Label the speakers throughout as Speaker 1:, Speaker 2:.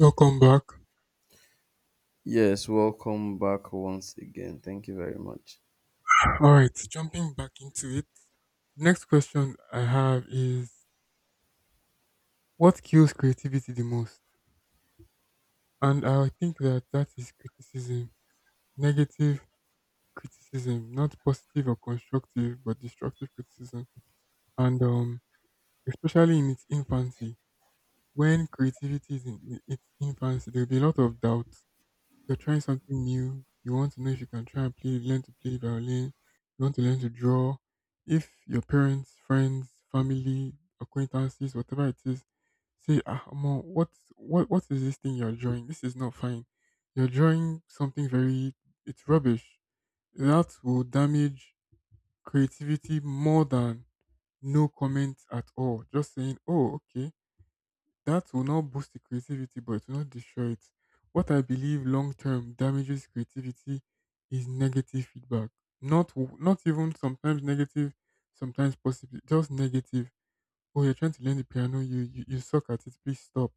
Speaker 1: Welcome back.
Speaker 2: Yes, welcome back once again. Thank you very much.
Speaker 1: All right, jumping back into it. Next question I have is what kills creativity the most? And I think that that is criticism, negative criticism, not positive or constructive, but destructive criticism. And Especially in its infancy, when creativity is in its infancy, there will be a lot of doubt. You're trying something new. You want to know if you can try and play, learn to play violin. You want to learn to draw. If your parents, friends, family, acquaintances, whatever it is, say, ah, Mo, what is this thing you're drawing? This is not fine. You're drawing something very, it's rubbish. That will damage creativity more than no comment at all. Just saying, oh, okay, that will not boost the creativity, but it will not destroy it. What I believe long term damages creativity is negative feedback. Not even sometimes negative, sometimes possibly just negative. Oh, you're trying to learn the piano, you suck at it. Please stop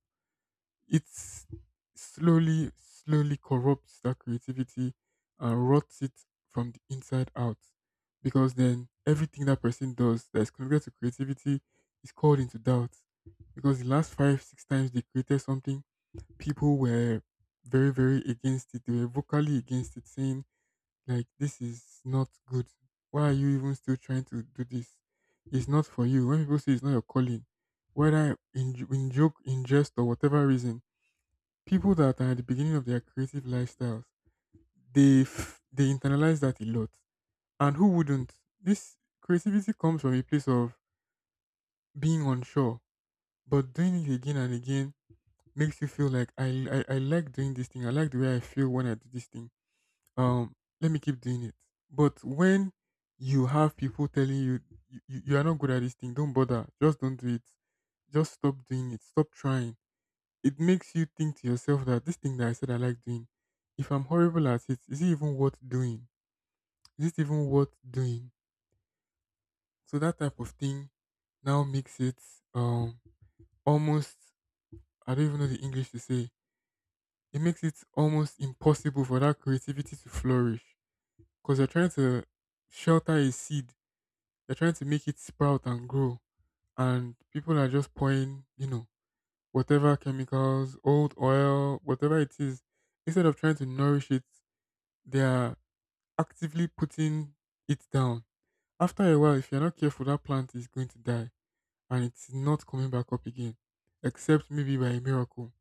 Speaker 1: it slowly, slowly corrupts that creativity and rots it from the inside out. Because then everything that person does that is connected to creativity is called into doubt. Because the last five, six times they created something, people were very, very against it. They were vocally against it, saying, like, this is not good. Why are you even still trying to do this? It's not for you. When people say it's not your calling, whether in joke, in jest, or whatever reason, people that are at the beginning of their creative lifestyles, they internalize that a lot. And who wouldn't? This creativity comes from a place of being unsure, but doing it again and again makes you feel like I like doing this thing. I like the way I feel when I do this thing. Um, Let me keep doing it. But when you have people telling you you are not good at this thing, don't bother, just don't do it, just stop doing it, stop trying it makes you think to yourself that this thing that I said I like doing, if I'm horrible at it, is it even worth doing? Is it even worth doing? So that type of thing now makes it um almost I don't even know the English to say. It makes it almost impossible for that creativity to flourish because you're trying to shelter a seed. You're trying to make it sprout and grow, and people are just pouring, whatever chemicals, old oil, whatever it is, instead of trying to nourish it they are actively putting it down. After a while, if you're not careful, that plant is going to die and it's not coming back up again, except maybe by a miracle.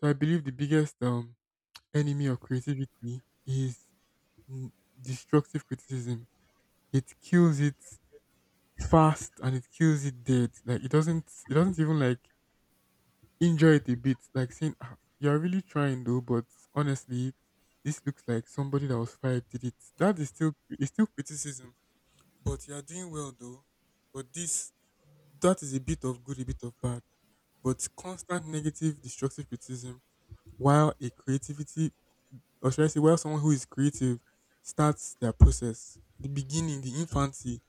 Speaker 1: So I believe the biggest enemy of creativity is mm, destructive criticism. It kills it fast and it kills it dead. Like it doesn't even like enjoy it a bit. Like saying, "Ah, you're really trying though," but honestly, this looks like somebody that was fired did it. That is still, it's still criticism but you are doing well though. But this that is a bit of good, a bit of bad. But constant negative, destructive criticism, while a creativity, or should I say, while someone who is creative starts their process, the beginning, the infancy,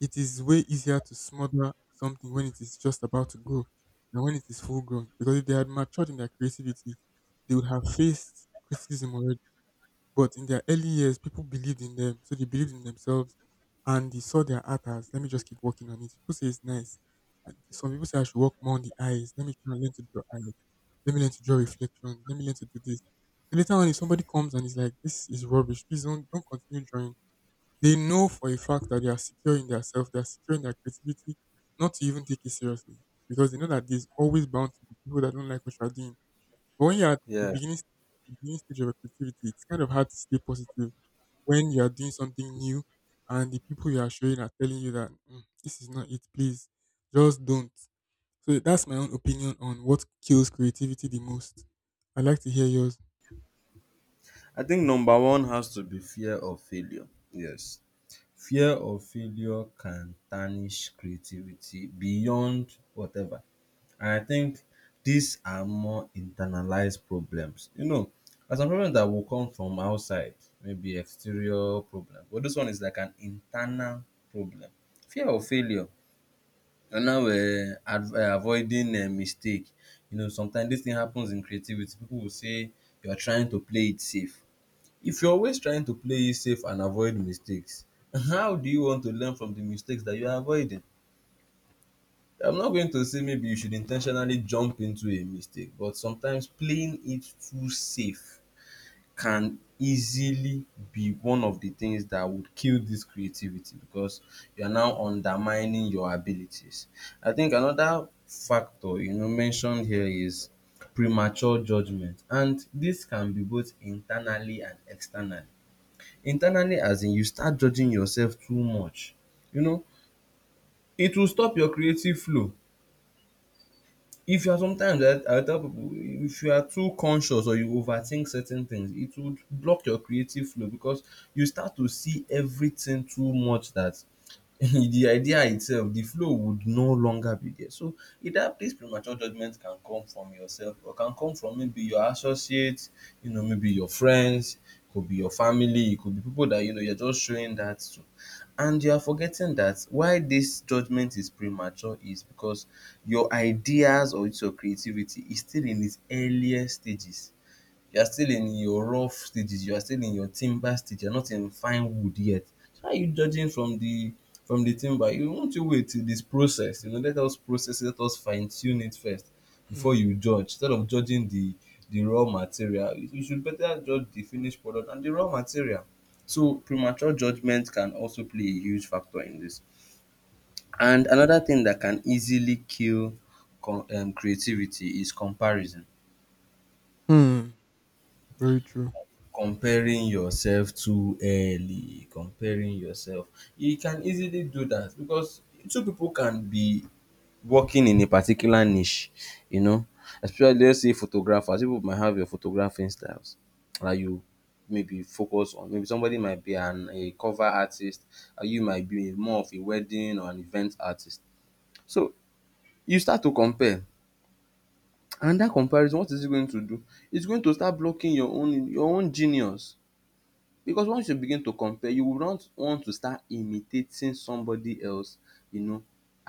Speaker 1: it is way easier to smother something when it is just about to grow than when it is full grown. Because if they had matured in their creativity, they would have faced criticism already. But in their early years, people believed in them, so they believed in themselves, and they saw their art as, "Let me just keep working on it." People say it's nice. And some people say I should work more on the eyes. Let me try and learn to draw eyes. Let me learn to draw reflections. Let me learn to do this. So later on, if somebody comes and is like, "This is rubbish. Please don't continue drawing," they know for a fact that they are secure in their self. They are secure in their creativity, not to even take it seriously because they know that there's always bound to be people that don't like what you are doing. But when you're at
Speaker 2: Yeah,
Speaker 1: the beginning stage of your creativity, it's kind of hard to stay positive when you are doing something new and the people you are showing are telling you that "Mm, this is not it, please just don't." So that's my own opinion on what kills creativity the most. I'd like to hear yours.
Speaker 2: I think number one has to be fear of failure. Yes, fear of failure can tarnish creativity beyond whatever. And I think these are more internalized problems. You know, as a problem that will come from outside, maybe exterior problem, but this one is like an internal problem. Fear of failure. And now, avoiding a mistake. You know, sometimes this thing happens in creativity. People will say you're trying to play it safe. If you're always trying to play it safe and avoid mistakes, how do you want to learn from the mistakes that you're avoiding? I'm not going to say maybe you should intentionally jump into a mistake, but sometimes playing it too safe can easily be one of the things that would kill this creativity because you are now undermining your abilities. I think another factor you know mentioned here is premature judgment, and this can be both internally and externally. Internally, as in you start judging yourself too much. You know, it will stop your creative flow if you are sometimes I tell people if you are too conscious or you overthink certain things, it would block your creative flow because you start to see everything too much that the idea itself, the flow would no longer be there. So either this premature judgment can come from yourself or can come from maybe your associates, you know, maybe your friends, could be your family, it could be people that you know you're just showing that to. And you are forgetting that why this judgment is premature is because your ideas, or it's your creativity, is still in its earlier stages. You are still in your rough stages, you are still in your timber stage, you're not in fine wood yet. So how are you judging from the timber? You want to wait till this process, you know, let us process it, let us fine-tune it first before
Speaker 1: Hmm.
Speaker 2: you judge, instead of judging the raw material. You should better judge the finished product and the raw material. So premature judgment can also play a huge factor in this. And another thing that can easily kill com creativity is comparison.
Speaker 1: Hmm. Very true.
Speaker 2: Comparing yourself too early, comparing yourself, you can easily do that because two people can be working in a particular niche, you know, especially let's say photographers, people might have your photographing styles that you maybe focus on. Maybe somebody might be an a cover artist and you might be more of a wedding or an event artist. So you start to compare, and that comparison, what is it going to do? It's going to start blocking your own genius. Because once you begin to compare, you will not want to start imitating somebody else, you know,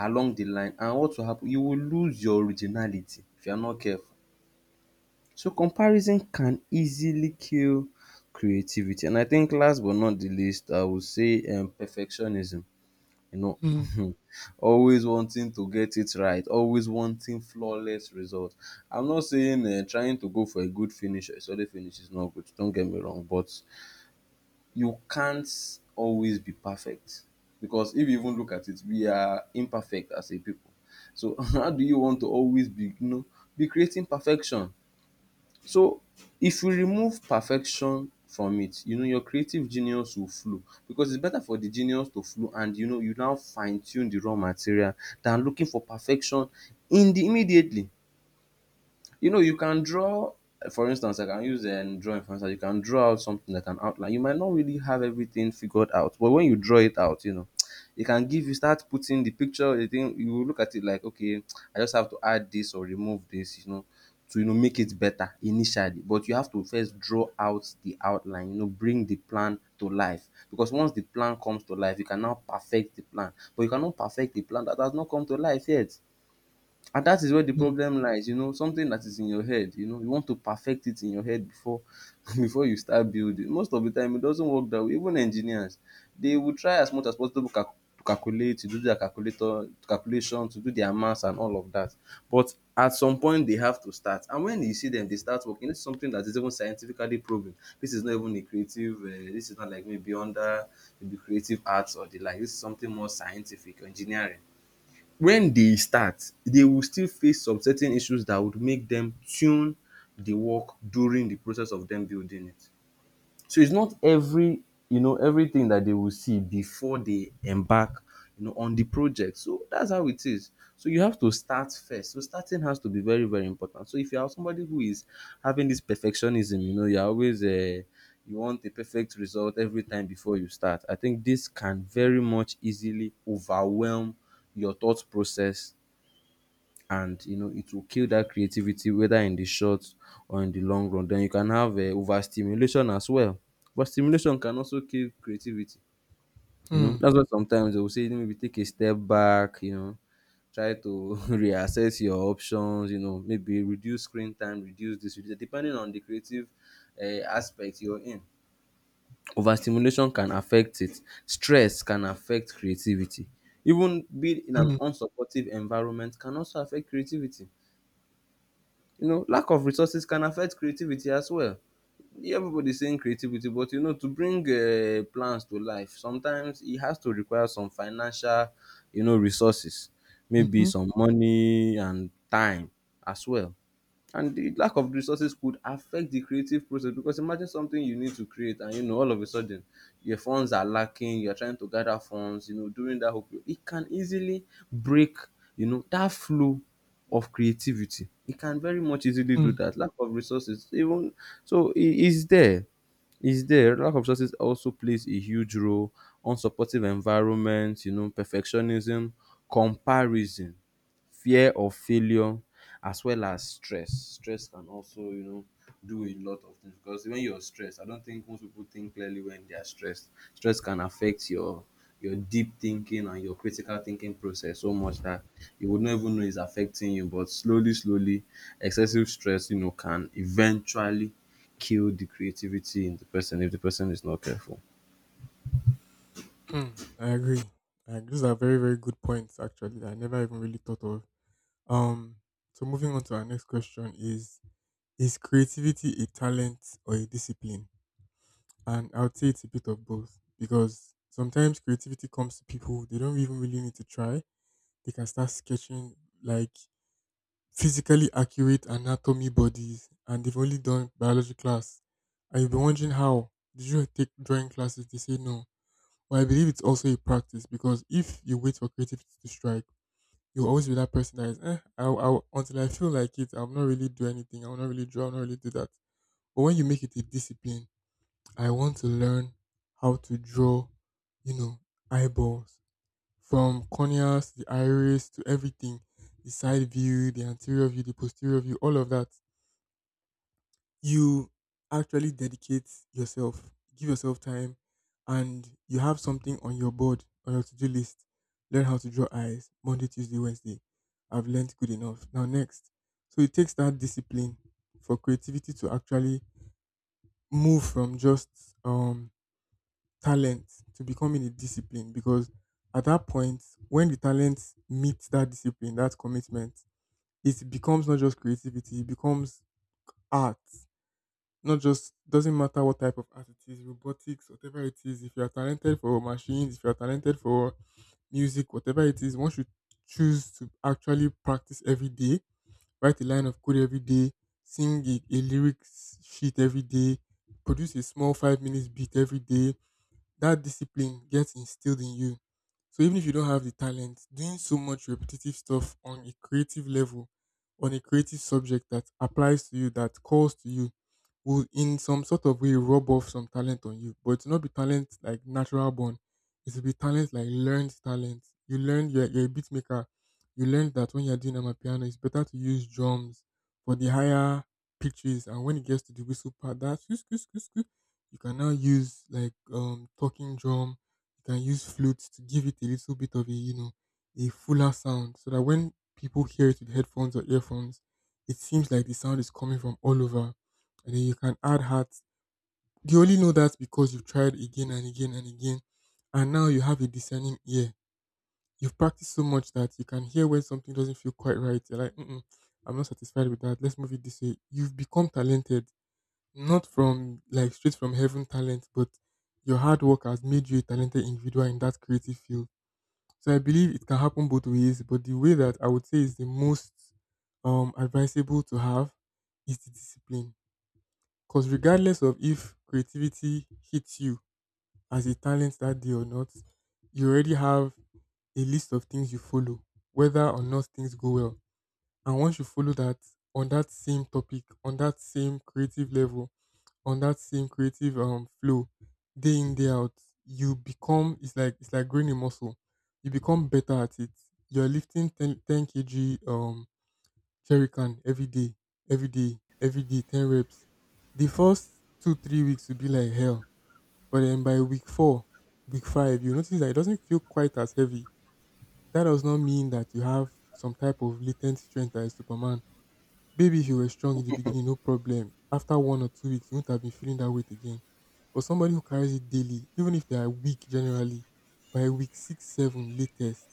Speaker 2: along the line. And what will happen? You will lose your originality if you are not careful. So comparison can easily kill creativity. And I think last but not the least, I would say perfectionism. You
Speaker 1: Hmm.
Speaker 2: know, always wanting to get it right, always wanting flawless results. I'm not saying trying to go for a good finish or a solid finish is not good. Don't get me wrong, but you can't always be perfect because if you even look at it, we are imperfect as a people. So how do you want to always be, you know, be creating perfection? So if you remove perfection from it, you know, your creative genius will flow, because it's better for the genius to flow and, you know, you now fine tune the raw material than looking for perfection in the immediately. You know, you can draw, for instance, I can use drawing for instance. You can draw out something like an outline. You might not really have everything figured out, but when you draw it out, you know, it can give you start putting the picture. The thing, you will look at it like, okay, I just have to add this or remove this, you know, to you know make it better initially. But you have to first draw out the outline. You know, bring the plan to life, because once the plan comes to life, you can now perfect the plan. But you cannot perfect the plan that has not come to life yet. And that is where the
Speaker 1: Hmm.
Speaker 2: problem lies, you know, something that is in your head, you know, you want to perfect it in your head before before you start building. Most of the time, it doesn't work that way. Even engineers, they will try as much as possible to, to calculate, to do their calculator calculation, to do their maths and all of that. But at some point, they have to start. And when you see them, they start working. It's something that is even scientifically proven. This is not even a creative. This is not like maybe under maybe creative arts or the like. This is something more scientific, engineering. When they start, they will still face some certain issues that would make dem tune the work during the process of dem building it. So it's not every, you know, everything that they will see before they embark, you know, on the project. So that's how it is. So you have to start first. So starting has to be very, very important. So if you are somebody who is having this perfectionism, you know, you're always you want a perfect result every time before you start. I think this can very much easily overwhelm your thought process, and you know it will kill that creativity, whether in the short or in the long run. Then you can have overstimulation as well. Overstimulation can also kill creativity, you know.
Speaker 1: Hmm.
Speaker 2: That's why sometimes they will say maybe take a step back, you know, try to reassess your options, you know, maybe reduce screen time, reduce this, reduce that, depending on the creative aspect you're in. Overstimulation can affect it. Stress can affect creativity. Even being in an
Speaker 1: Hmm.
Speaker 2: unsupportive environment can also affect creativity. You know, lack of resources can affect creativity as well. Everybody's saying creativity, but you know, to bring plans to life, sometimes it has to require some financial, you know, resources, maybe
Speaker 1: Mhm.
Speaker 2: some money and time as well. And the lack of resources could affect the creative process, because imagine something you need to create and you know all of a sudden your funds are lacking, you're trying to gather funds, you know, during that whole period it can easily break, you know, that flow of creativity. It can very much easily do
Speaker 1: Hmm.
Speaker 2: that, lack of resources even. So it is there. Lack of resources also plays a huge role. Unsupportive environment, you know, perfectionism, comparison, fear of failure, as well as stress. Stress can also, you know, do a lot of things, because when you're stressed, I don't think most people think clearly when they are stressed. Stress can affect your deep thinking and your critical thinking process so much that you would not even know it's affecting you. But slowly, slowly, excessive stress, you know, can eventually kill the creativity in the person if the person is not careful.
Speaker 1: Hmm. I agree. I agree. Those are very, very good points actually that I never even really thought of. Um so moving on to our next question is creativity a talent or a discipline? And I would say it's a bit of both because sometimes creativity comes to people, they don't even really need to try. They can start sketching like physically accurate anatomy bodies and they've only done biology class. And you'll be wondering how did you take drawing classes? They say no. Well, I believe it's also a practice because if you wait for creativity to strike, you'll always be that person that is, eh, until I feel like it, I'll not really do anything. I'll not really draw, I'll not really do that. But when you make it a discipline, I want to learn how to draw, you know, eyeballs from corneas, the iris, to everything the side view, the anterior view, the posterior view, all of that. You actually dedicate yourself, give yourself time, and you have something on your board, on your to do list. Learn how to draw eyes Monday, Tuesday, Wednesday. I've learned good enough. Now, next. So it takes that discipline for creativity to actually move from just um talent to becoming a discipline because at that point, when the talent meets that discipline, that commitment, it becomes not just creativity, it becomes art. Not just doesn't matter what type of art it is, robotics, whatever it is. If you are talented for machines, if you are talented for music, whatever it is, one should choose to actually practice every day, write a line of code every day, sing a lyrics sheet every day, produce a small 5 minutes beat every day, that discipline gets instilled in you. So even if you don't have the talent, doing so much repetitive stuff on a creative level, on a creative subject that applies to you, that calls to you, will in some sort of way rub off some talent on you. But it's not be talent like natural born. It will be talent like learned talent. You learn you're a beat maker. You learn that when you're doing amapiano, it's better to use drums for the higher pitches. And when it gets to the whistle part, that squeak, squeak, squeak, squeak, you can now use like talking drum. You can use flutes to give it a little bit of a you know a fuller sound, so that when people hear it with headphones or earphones, it seems like the sound is coming from all over and then you can add hearts. You only know that because you've tried again and again and again, and now you have a discerning ear. You've practiced so much that you can hear when something doesn't feel quite right. You're like, mm-mm, I'm not satisfied with that. Let's move it this way. You've become talented, not from like straight from heaven talent, but your hard work has made you a talented individual in that creative field. So I believe it can happen both ways, but the way that I would say is the most advisable to have is the discipline because regardless of if creativity hits you as a talent that day or not, you already have a list of things you follow, whether or not things go well. And once you follow that on that same topic, on that same creative level, on that same creative flow, day in day out, you become it's like growing a muscle. You become better at it. You're lifting ten kg Cherry can every day, every day, every day, 10 reps. The first two, 3 weeks will be like hell. But then by week four, week five, you notice that it doesn't feel quite as heavy. That does not mean that you have some type of latent strength that is Superman. Maybe if you were strong in the beginning, no problem. After 1 or 2 weeks, you won't have been feeling that weight again. But somebody who carries it daily, even if they are weak generally, by week six, seven latest,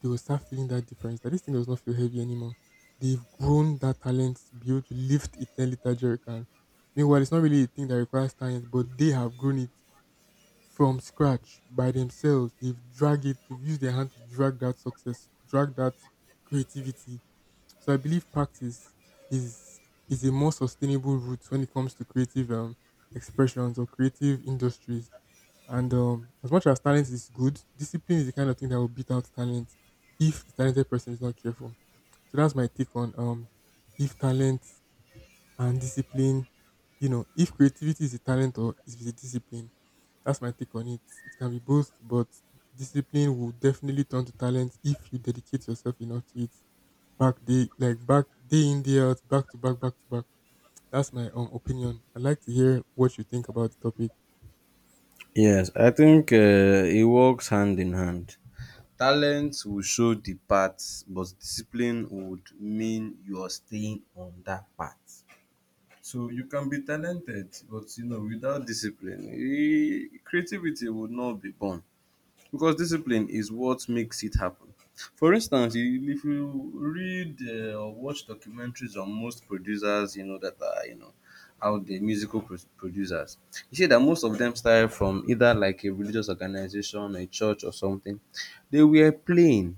Speaker 1: they will start feeling that difference. That this thing does not feel heavy anymore. They've grown that talent to be able to lift a 10-liter jerry can. Meanwhile, it's not really a thing that requires talent, but they have grown it from scratch by themselves. They've dragged it, they've used their hand to drag that success, drag that creativity, so I believe practice is is a more sustainable route when it comes to creative expressions or creative industries. And as much as talent is good, discipline is the kind of thing that will beat out talent if the talented person is not careful. So that's my take on if talent and discipline. You know, if creativity is a talent or is a discipline, that's my take on it. It can be both, but discipline will definitely turn to talent if you dedicate yourself enough to it. Back day, like back day in day out, back to back, back to back. That's my opinion. I'd like to hear what you think about the topic.
Speaker 2: Yes, I think it works hand in hand. Talent will show the path, but discipline would mean you are staying on that path. So you can be talented, but you know, without discipline, eh, creativity would not be born because discipline is what makes it happen. For instance, if you read or watch documentaries on most producers, you know that are you know out there, producers, you see that most of them started from either like a religious organization, a church, or something. They were playing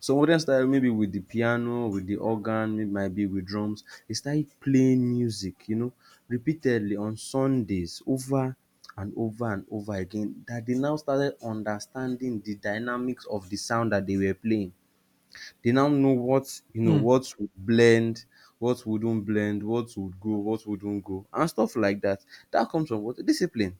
Speaker 2: some style maybe with the piano, with the organ, it might be with drums. They started playing music, you know, repeatedly on Sundays over and over and over again, that they now started understanding the dynamics of the sound that they were playing. They now know what, you know,
Speaker 1: Mm.
Speaker 2: what would blend, what wouldn't blend, what would go, what wouldn't go, and stuff like that. That comes from what? Discipline.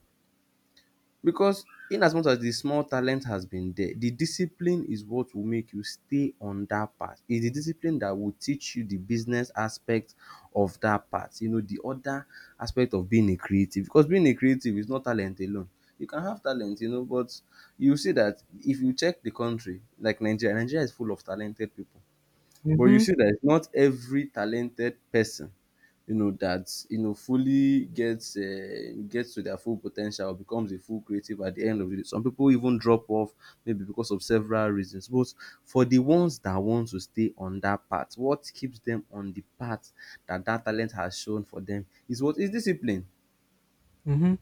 Speaker 2: Because in as much as the small talent has been there, the discipline is what will make you stay on that path. It's the discipline that will teach you the business aspect of that part. You know, the other aspect of being a creative. Because being a creative is not talent alone. You can have talent, you know, but you see that if you check the country, like Nigeria, Nigeria is full of talented people. But you
Speaker 1: Mm-hmm.
Speaker 2: see that it's not every talented person, you know, that you know fully gets to their full potential or becomes a full creative at the end of the day. Some people even drop off maybe because of several reasons. But for the ones that want to stay on that path, what keeps them on the path that talent has shown for them is what is discipline.
Speaker 1: Mm-hmm.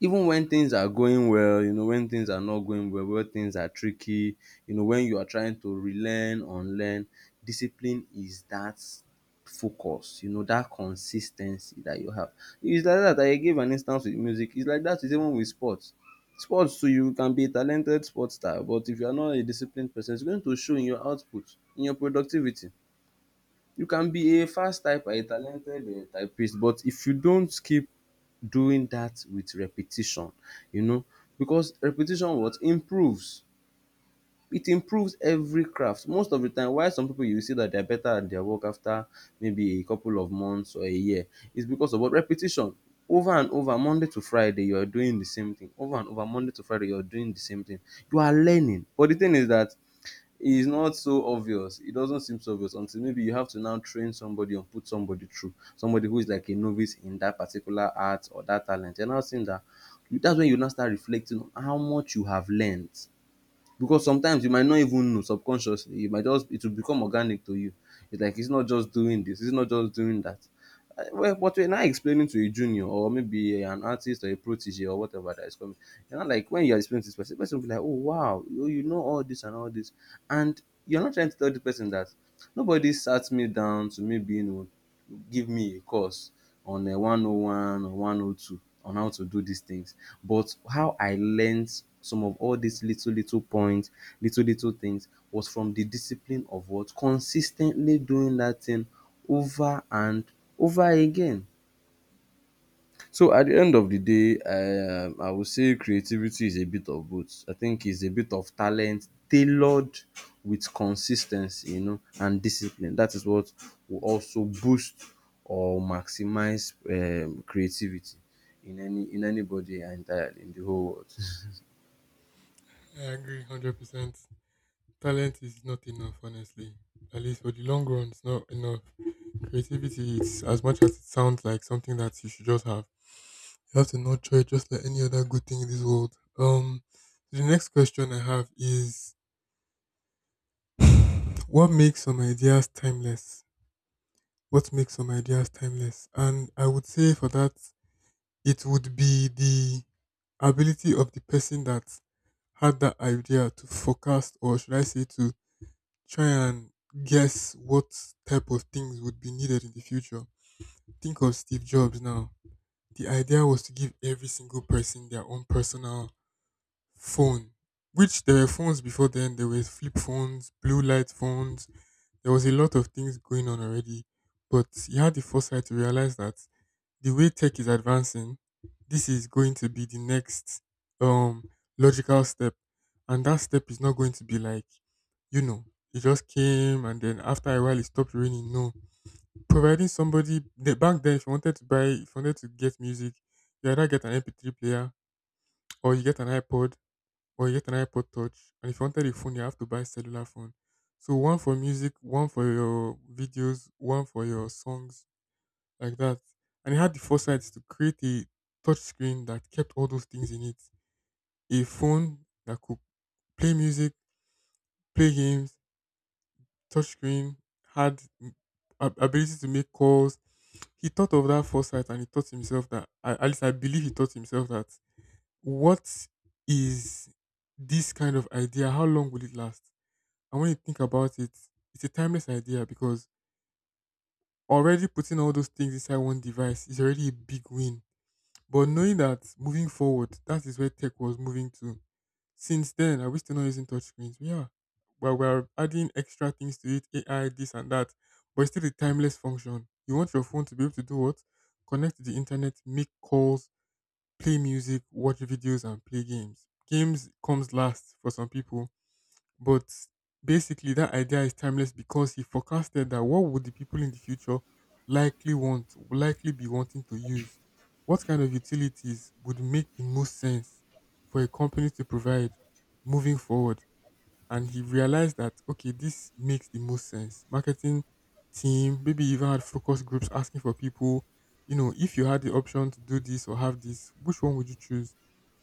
Speaker 2: Even when things are going well, you know, when things are not going well, when things are tricky, you know, when you are trying to relearn, unlearn, discipline is that focus, you know, that consis ten cy that you have. It's like that, I gave an instance with music, it's like that with even with sports. Sports too, you can be a talented sports star but if you are not a disciplined person, it's going to show in your output, in your productivity. You can be a fast typer, a talented typist, but if you don't keep doing that with repetition, you know, because repetition what improves, it improves every craft. Most of the time why some people, you see that they are better at their work after maybe a couple of months or a year, is because of what? Repetition. Over and over, monday to friday you are doing the same thing, over and over, monday to friday you are doing the same thing, you are learning, but the thing is that is not so obvious. It doesn't seem so obvious until maybe you have to now train somebody and put somebody through, somebody who is like a novice in that particular art or that talent. You're now seeing that that's when you now start reflecting on how much you have learned, because sometimes you might not even know, subconsciously you might just, it will become organic to you. It's like it's not just doing this, it's not just doing that. Well, but you're now explaining to a junior or maybe an artist or a protege or whatever that is coming, you know, like when you're explaining to this person, the person will be like, oh wow, you know all this and all this, and you're not trying to tell the person that nobody sat me down to maybe, you know, give me a course on a 101 or 102 on how to do these things. But how I learned some of all these little little points, little little things, was from the discipline of what? Consistently doing that thing over and over again. So at the end of the day, I would say creativity is a bit of both. I think it's a bit of talent tailored with consistency, you know, and discipline. That is what will also boost or maximize creativity in any in anybody entirely in the whole world.
Speaker 1: I agree, 100%. Talent is not enough, honestly. At least for the long run, it's not enough. Creativity is as much as it sounds like something that you should just have. You have to nurture it just like any other good thing in this world. The next question I have is what makes some ideas timeless? What makes some ideas timeless? And I would say for that, it would be the ability of the person that had that idea to forecast, or should I say, to try and guess what type of things would be needed in the future. Think of Steve Jobs now. The idea was to give every single person their own personal phone, which there were phones before then. There were flip phones, blue light phones. There was a lot of things going on already, but he had the foresight to realize that the way tech is advancing, this is going to be the next um logical step, and that step is not going to be like, you know, it just came and then after a while it stopped raining. No, providing somebody the- back then, if you wanted to buy, if you wanted to get music, you either get an MP3 player or you get an iPod or you get an iPod Touch. And if you wanted a phone, you have to buy cellular phone. So one for music, one for your videos, one for your songs, like that. And it had the foresight to create a touch screen that kept all those things in it. A phone that could play music, play games, touch screen, had ab- ability to make calls. He thought of that foresight and he thought to himself that, at least I believe he thought to himself that, what is this kind of idea? How long will it last? And when you think about it, it's a timeless idea because already putting all those things inside one device is already a big win. But knowing that moving forward, that is where tech was moving to. Since then, are we still not using touchscreens? We are. But we're adding extra things to it, AI, this and that. But it's still a timeless function. You want your phone to be able to do what? Connect to the internet, make calls, play music, watch videos, and play games. Games comes last for some people, but basically, that idea is timeless because he forecasted that what would the people in the future likely want, likely be wanting to use, what kind of utilities would make the most sense for a company to provide moving forward, and he realized that okay, this makes the most sense. Marketing team, maybe even had focus groups asking for people, you know, if you had the option to do this or have this, which one would you choose?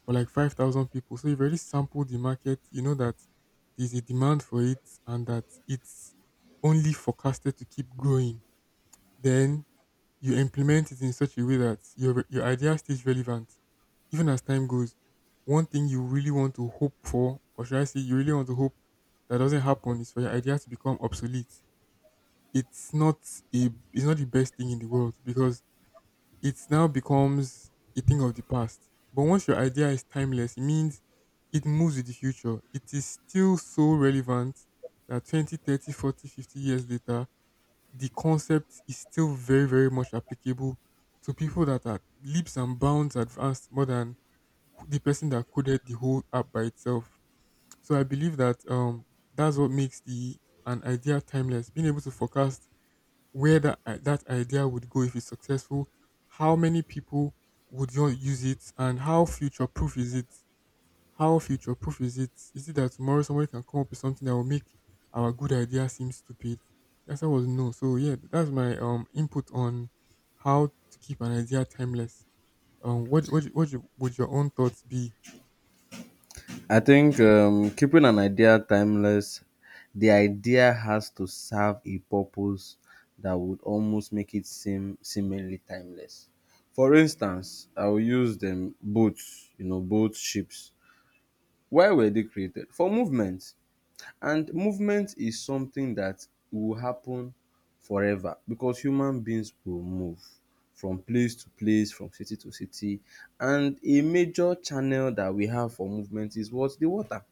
Speaker 1: For like 5,000 people, so you've already sampled the market. You know that there's a demand for it and that it's only forecasted to keep growing. Then you implement it in such a way that your idea stays relevant, even as time goes. One thing you really want to hope for, or should I say, you really want to hope that doesn't happen, is for your idea to become obsolete. It's not it's not the best thing in the world because it now becomes a thing of the past. But once your idea is timeless, it means it moves with the future. It is still so relevant that 20, 30, 40, 50 years later, the concept is still very, very much applicable to people that are leaps and bounds advanced more than the person that coded the whole app by itself. So I believe that that's what makes the an idea timeless. Being able to forecast where that I- that idea would go if it's successful, how many people would you use it, and how future proof is it. How future proof is it? Is it that tomorrow somebody can come up with something that will make our good idea seem stupid? The answer was no. So yeah, that's my input on how to keep an idea timeless. What what you- would your own thoughts be?
Speaker 2: I think keeping an idea timeless, the idea has to serve a purpose that would almost make it seem seemingly timeless. For instance, I will use them boats, you know, boats, ships. Why were they created? For movement. And movement is something that will happen forever because human beings will move from place to place, from city to city. And a major channel that we have for movement is what? The water.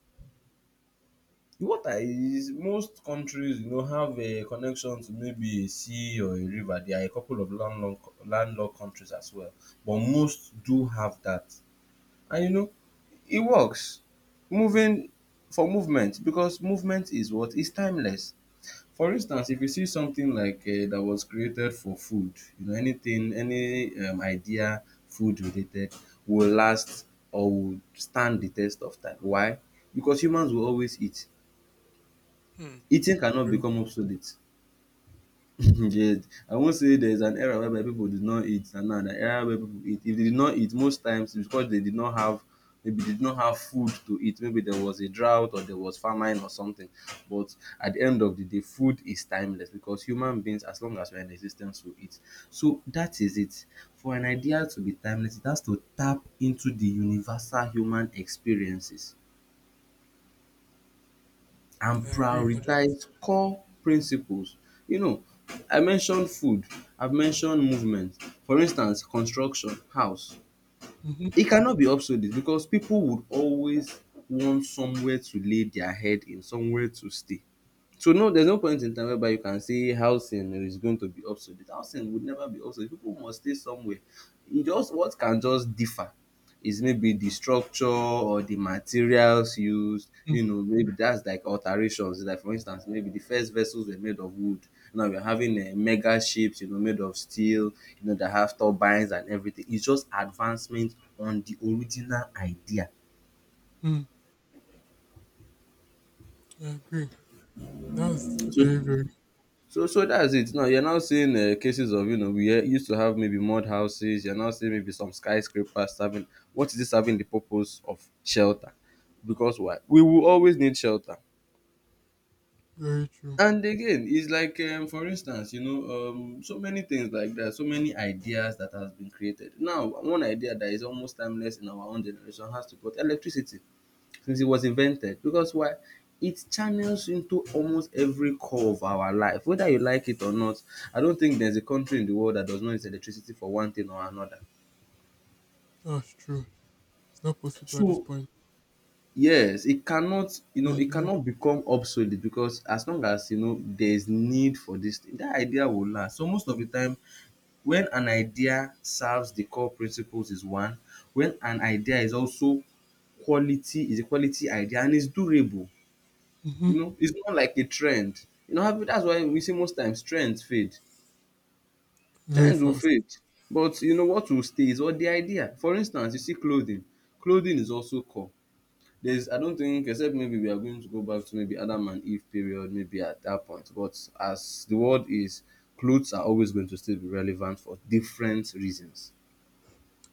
Speaker 2: The water is, most countries, you know, have a connection to maybe a sea or a river. There are a couple of landlocked countries as well, but most do have that. And you know, it works. Moving for movement, because movement is what is timeless. For instance, if you see something like that was created for food, you know, anything, any idea food related, will last or will stand the test of time. Why? Because humans will always eat.
Speaker 1: Hmm.
Speaker 2: Eating cannot
Speaker 1: Very-
Speaker 2: become obsolete. Yes, I not say there is an era whereby people did not eat and now an era where people eat. If they did not eat, most times it's because they did not have, maybe they did not have food to eat, maybe there was a drought or there was famine or something. But at the end of the day, food is timeless, because human beings, as long as we are in existence, will eat. So that is it. For an idea to be timeless, it has to tap into the universal human experiences
Speaker 1: I
Speaker 2: and
Speaker 1: agree.
Speaker 2: prioritize core principles. You know, I mentioned food, I've mentioned movement. For instance, construction, house.
Speaker 1: Mhm,
Speaker 2: E cannot be obsolete because pipu would always want somewhere to lay their head in, somewhere to stay. So no, there's no point in time whereby you can say housing is going to be obsolete. Housing would never be obsolete. People must stay somewhere. It just what can just differ is maybe the structure or the materials used.
Speaker 1: mm
Speaker 2: You know, maybe that's like alterations. Like for instance, maybe the first vessels were made of wood. Now we're having mega ships, you know, made of steel. You know, that have turbines and everything. It's just advancement on the original idea.
Speaker 1: mm, I agree. That's
Speaker 2: So
Speaker 1: very, very,
Speaker 2: so that's it. Now you're now seeing cases of, you know, we used to have maybe mud houses. You're now seeing maybe some skyscrapers serving. What is this serving? The purpose of shelter. Because why? We will always need shelter.
Speaker 1: very true.
Speaker 2: And again, it's like for instance, you know, so many things like that, so many ideas that has been created. Now, one idea that is almost timeless in our own generation has to put electricity, since it was invented. Because why? It channels into almost every core of our life, whether you like it or not. I don't think there's a country in the world that does not use electricity for one thing or another.
Speaker 1: That's true. It's not possible at this
Speaker 2: So
Speaker 1: point.
Speaker 2: yes, it cannot, you
Speaker 1: But
Speaker 2: know,
Speaker 1: it's
Speaker 2: it
Speaker 1: real.
Speaker 2: cannot become obsolete, because as long as, you know, there's need for this thing, that idea will last. So most of the time, when an idea serves the core principles is one, when an idea is also quality is a quality idea and is durable.
Speaker 1: Hmm.
Speaker 2: You know, it's not like a trend. You know, have- that's why we see most times trends fade.
Speaker 1: Very
Speaker 2: Trends will
Speaker 1: fast.
Speaker 2: fade. But you know what will stay is what? The idea. For instance, you see clothing. Clothing is also core. There's, I don't think, except maybe we are going to go back to maybe Adam and Eve period, maybe at that point. But as the world is, clothes are always going to still be relevant for different reasons.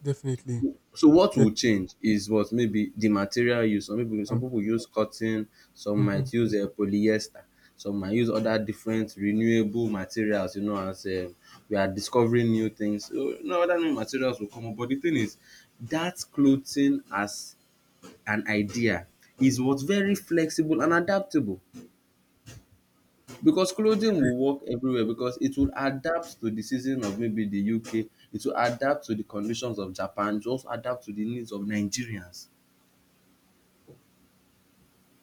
Speaker 1: Definitely.
Speaker 2: So what will
Speaker 1: Definitely.
Speaker 2: change is what? Maybe the material use. Some people use cotton, some
Speaker 1: Hmm.
Speaker 2: might use polyester, some might use other different renewable materials, you know, as we are discovering new things. So no, other new materials will come up, but the thing is that clothing as an idea is what? Very flexible and adaptable. Because clothing will work everywhere, because it will adapt to the season of maybe the UK, it will adapt to the conditions of Japan, it will also adapt to the needs of Nigerians.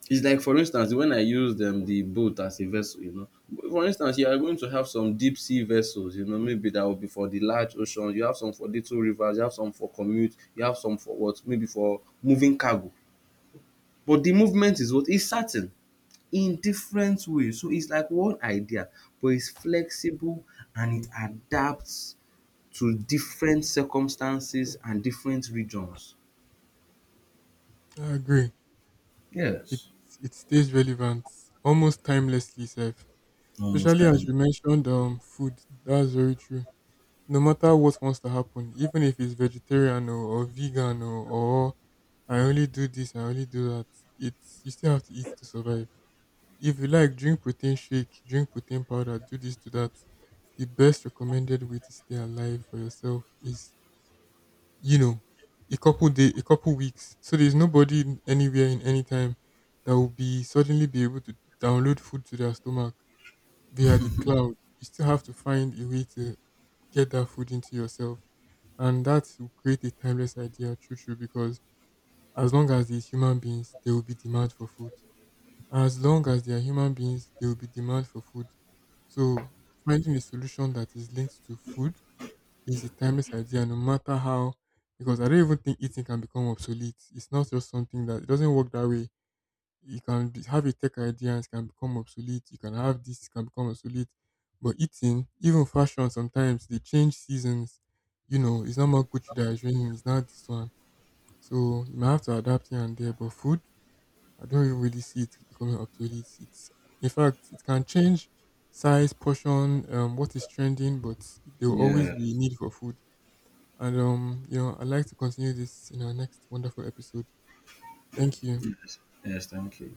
Speaker 2: It's like, for instance, when I used the boat as a vessel, you know. For instance, you are going to have some deep sea vessels, you know, maybe that will be for the large ocean, you have some for little rivers, you have some for commute, you have some for what? Maybe for moving cargo. But the movement is what? Is certain, in different ways. So it's like one idea, but it's flexible and it adapts to different circumstances and different regions.
Speaker 1: I agree. it
Speaker 2: Yes.
Speaker 1: it stays relevant almost timelessly sef.
Speaker 2: Almost
Speaker 1: Especially as
Speaker 2: time.
Speaker 1: you mentioned food, that's very true. No matter what wants to happen, even if it's vegetarian or vegan or I only do this, I only do that, it's you still have to eat to survive. If you like drink protein shake, drink protein powder, do this, do that. The best recommended way to stay alive for yourself is, you know, a couple day, a couple weeks. So there's nobody in- anywhere in any time that will be suddenly be able to download food to their stomach via the cloud. You still have to find a way to get that food into yourself, and that will create a timeless idea, true, true. Because as long as there's human beings, there will be demand for food. As long as there are human beings, there will be demand for food. So finding a solution that is linked to food, it's a timeless idea no matter how, because I don't even think eating can become obsolete. It's not just something that it doesn't work that way. You can be- have a tech idea and it can become obsolete. You can have this, it can become obsolete. But eating, even fashion sometimes they change seasons. You know, it's not more Gucci that is raining, it's not this one. So you might have to adapt here and there. But food, I don't even really see it becoming obsolete. It's in fact it can change size, portion, what is trending, but there will always be a
Speaker 2: Yes.
Speaker 1: need for food. And you know, I'd like to continue this in our next wonderful episode. Thank you.
Speaker 2: Yes. Yes. Thank you.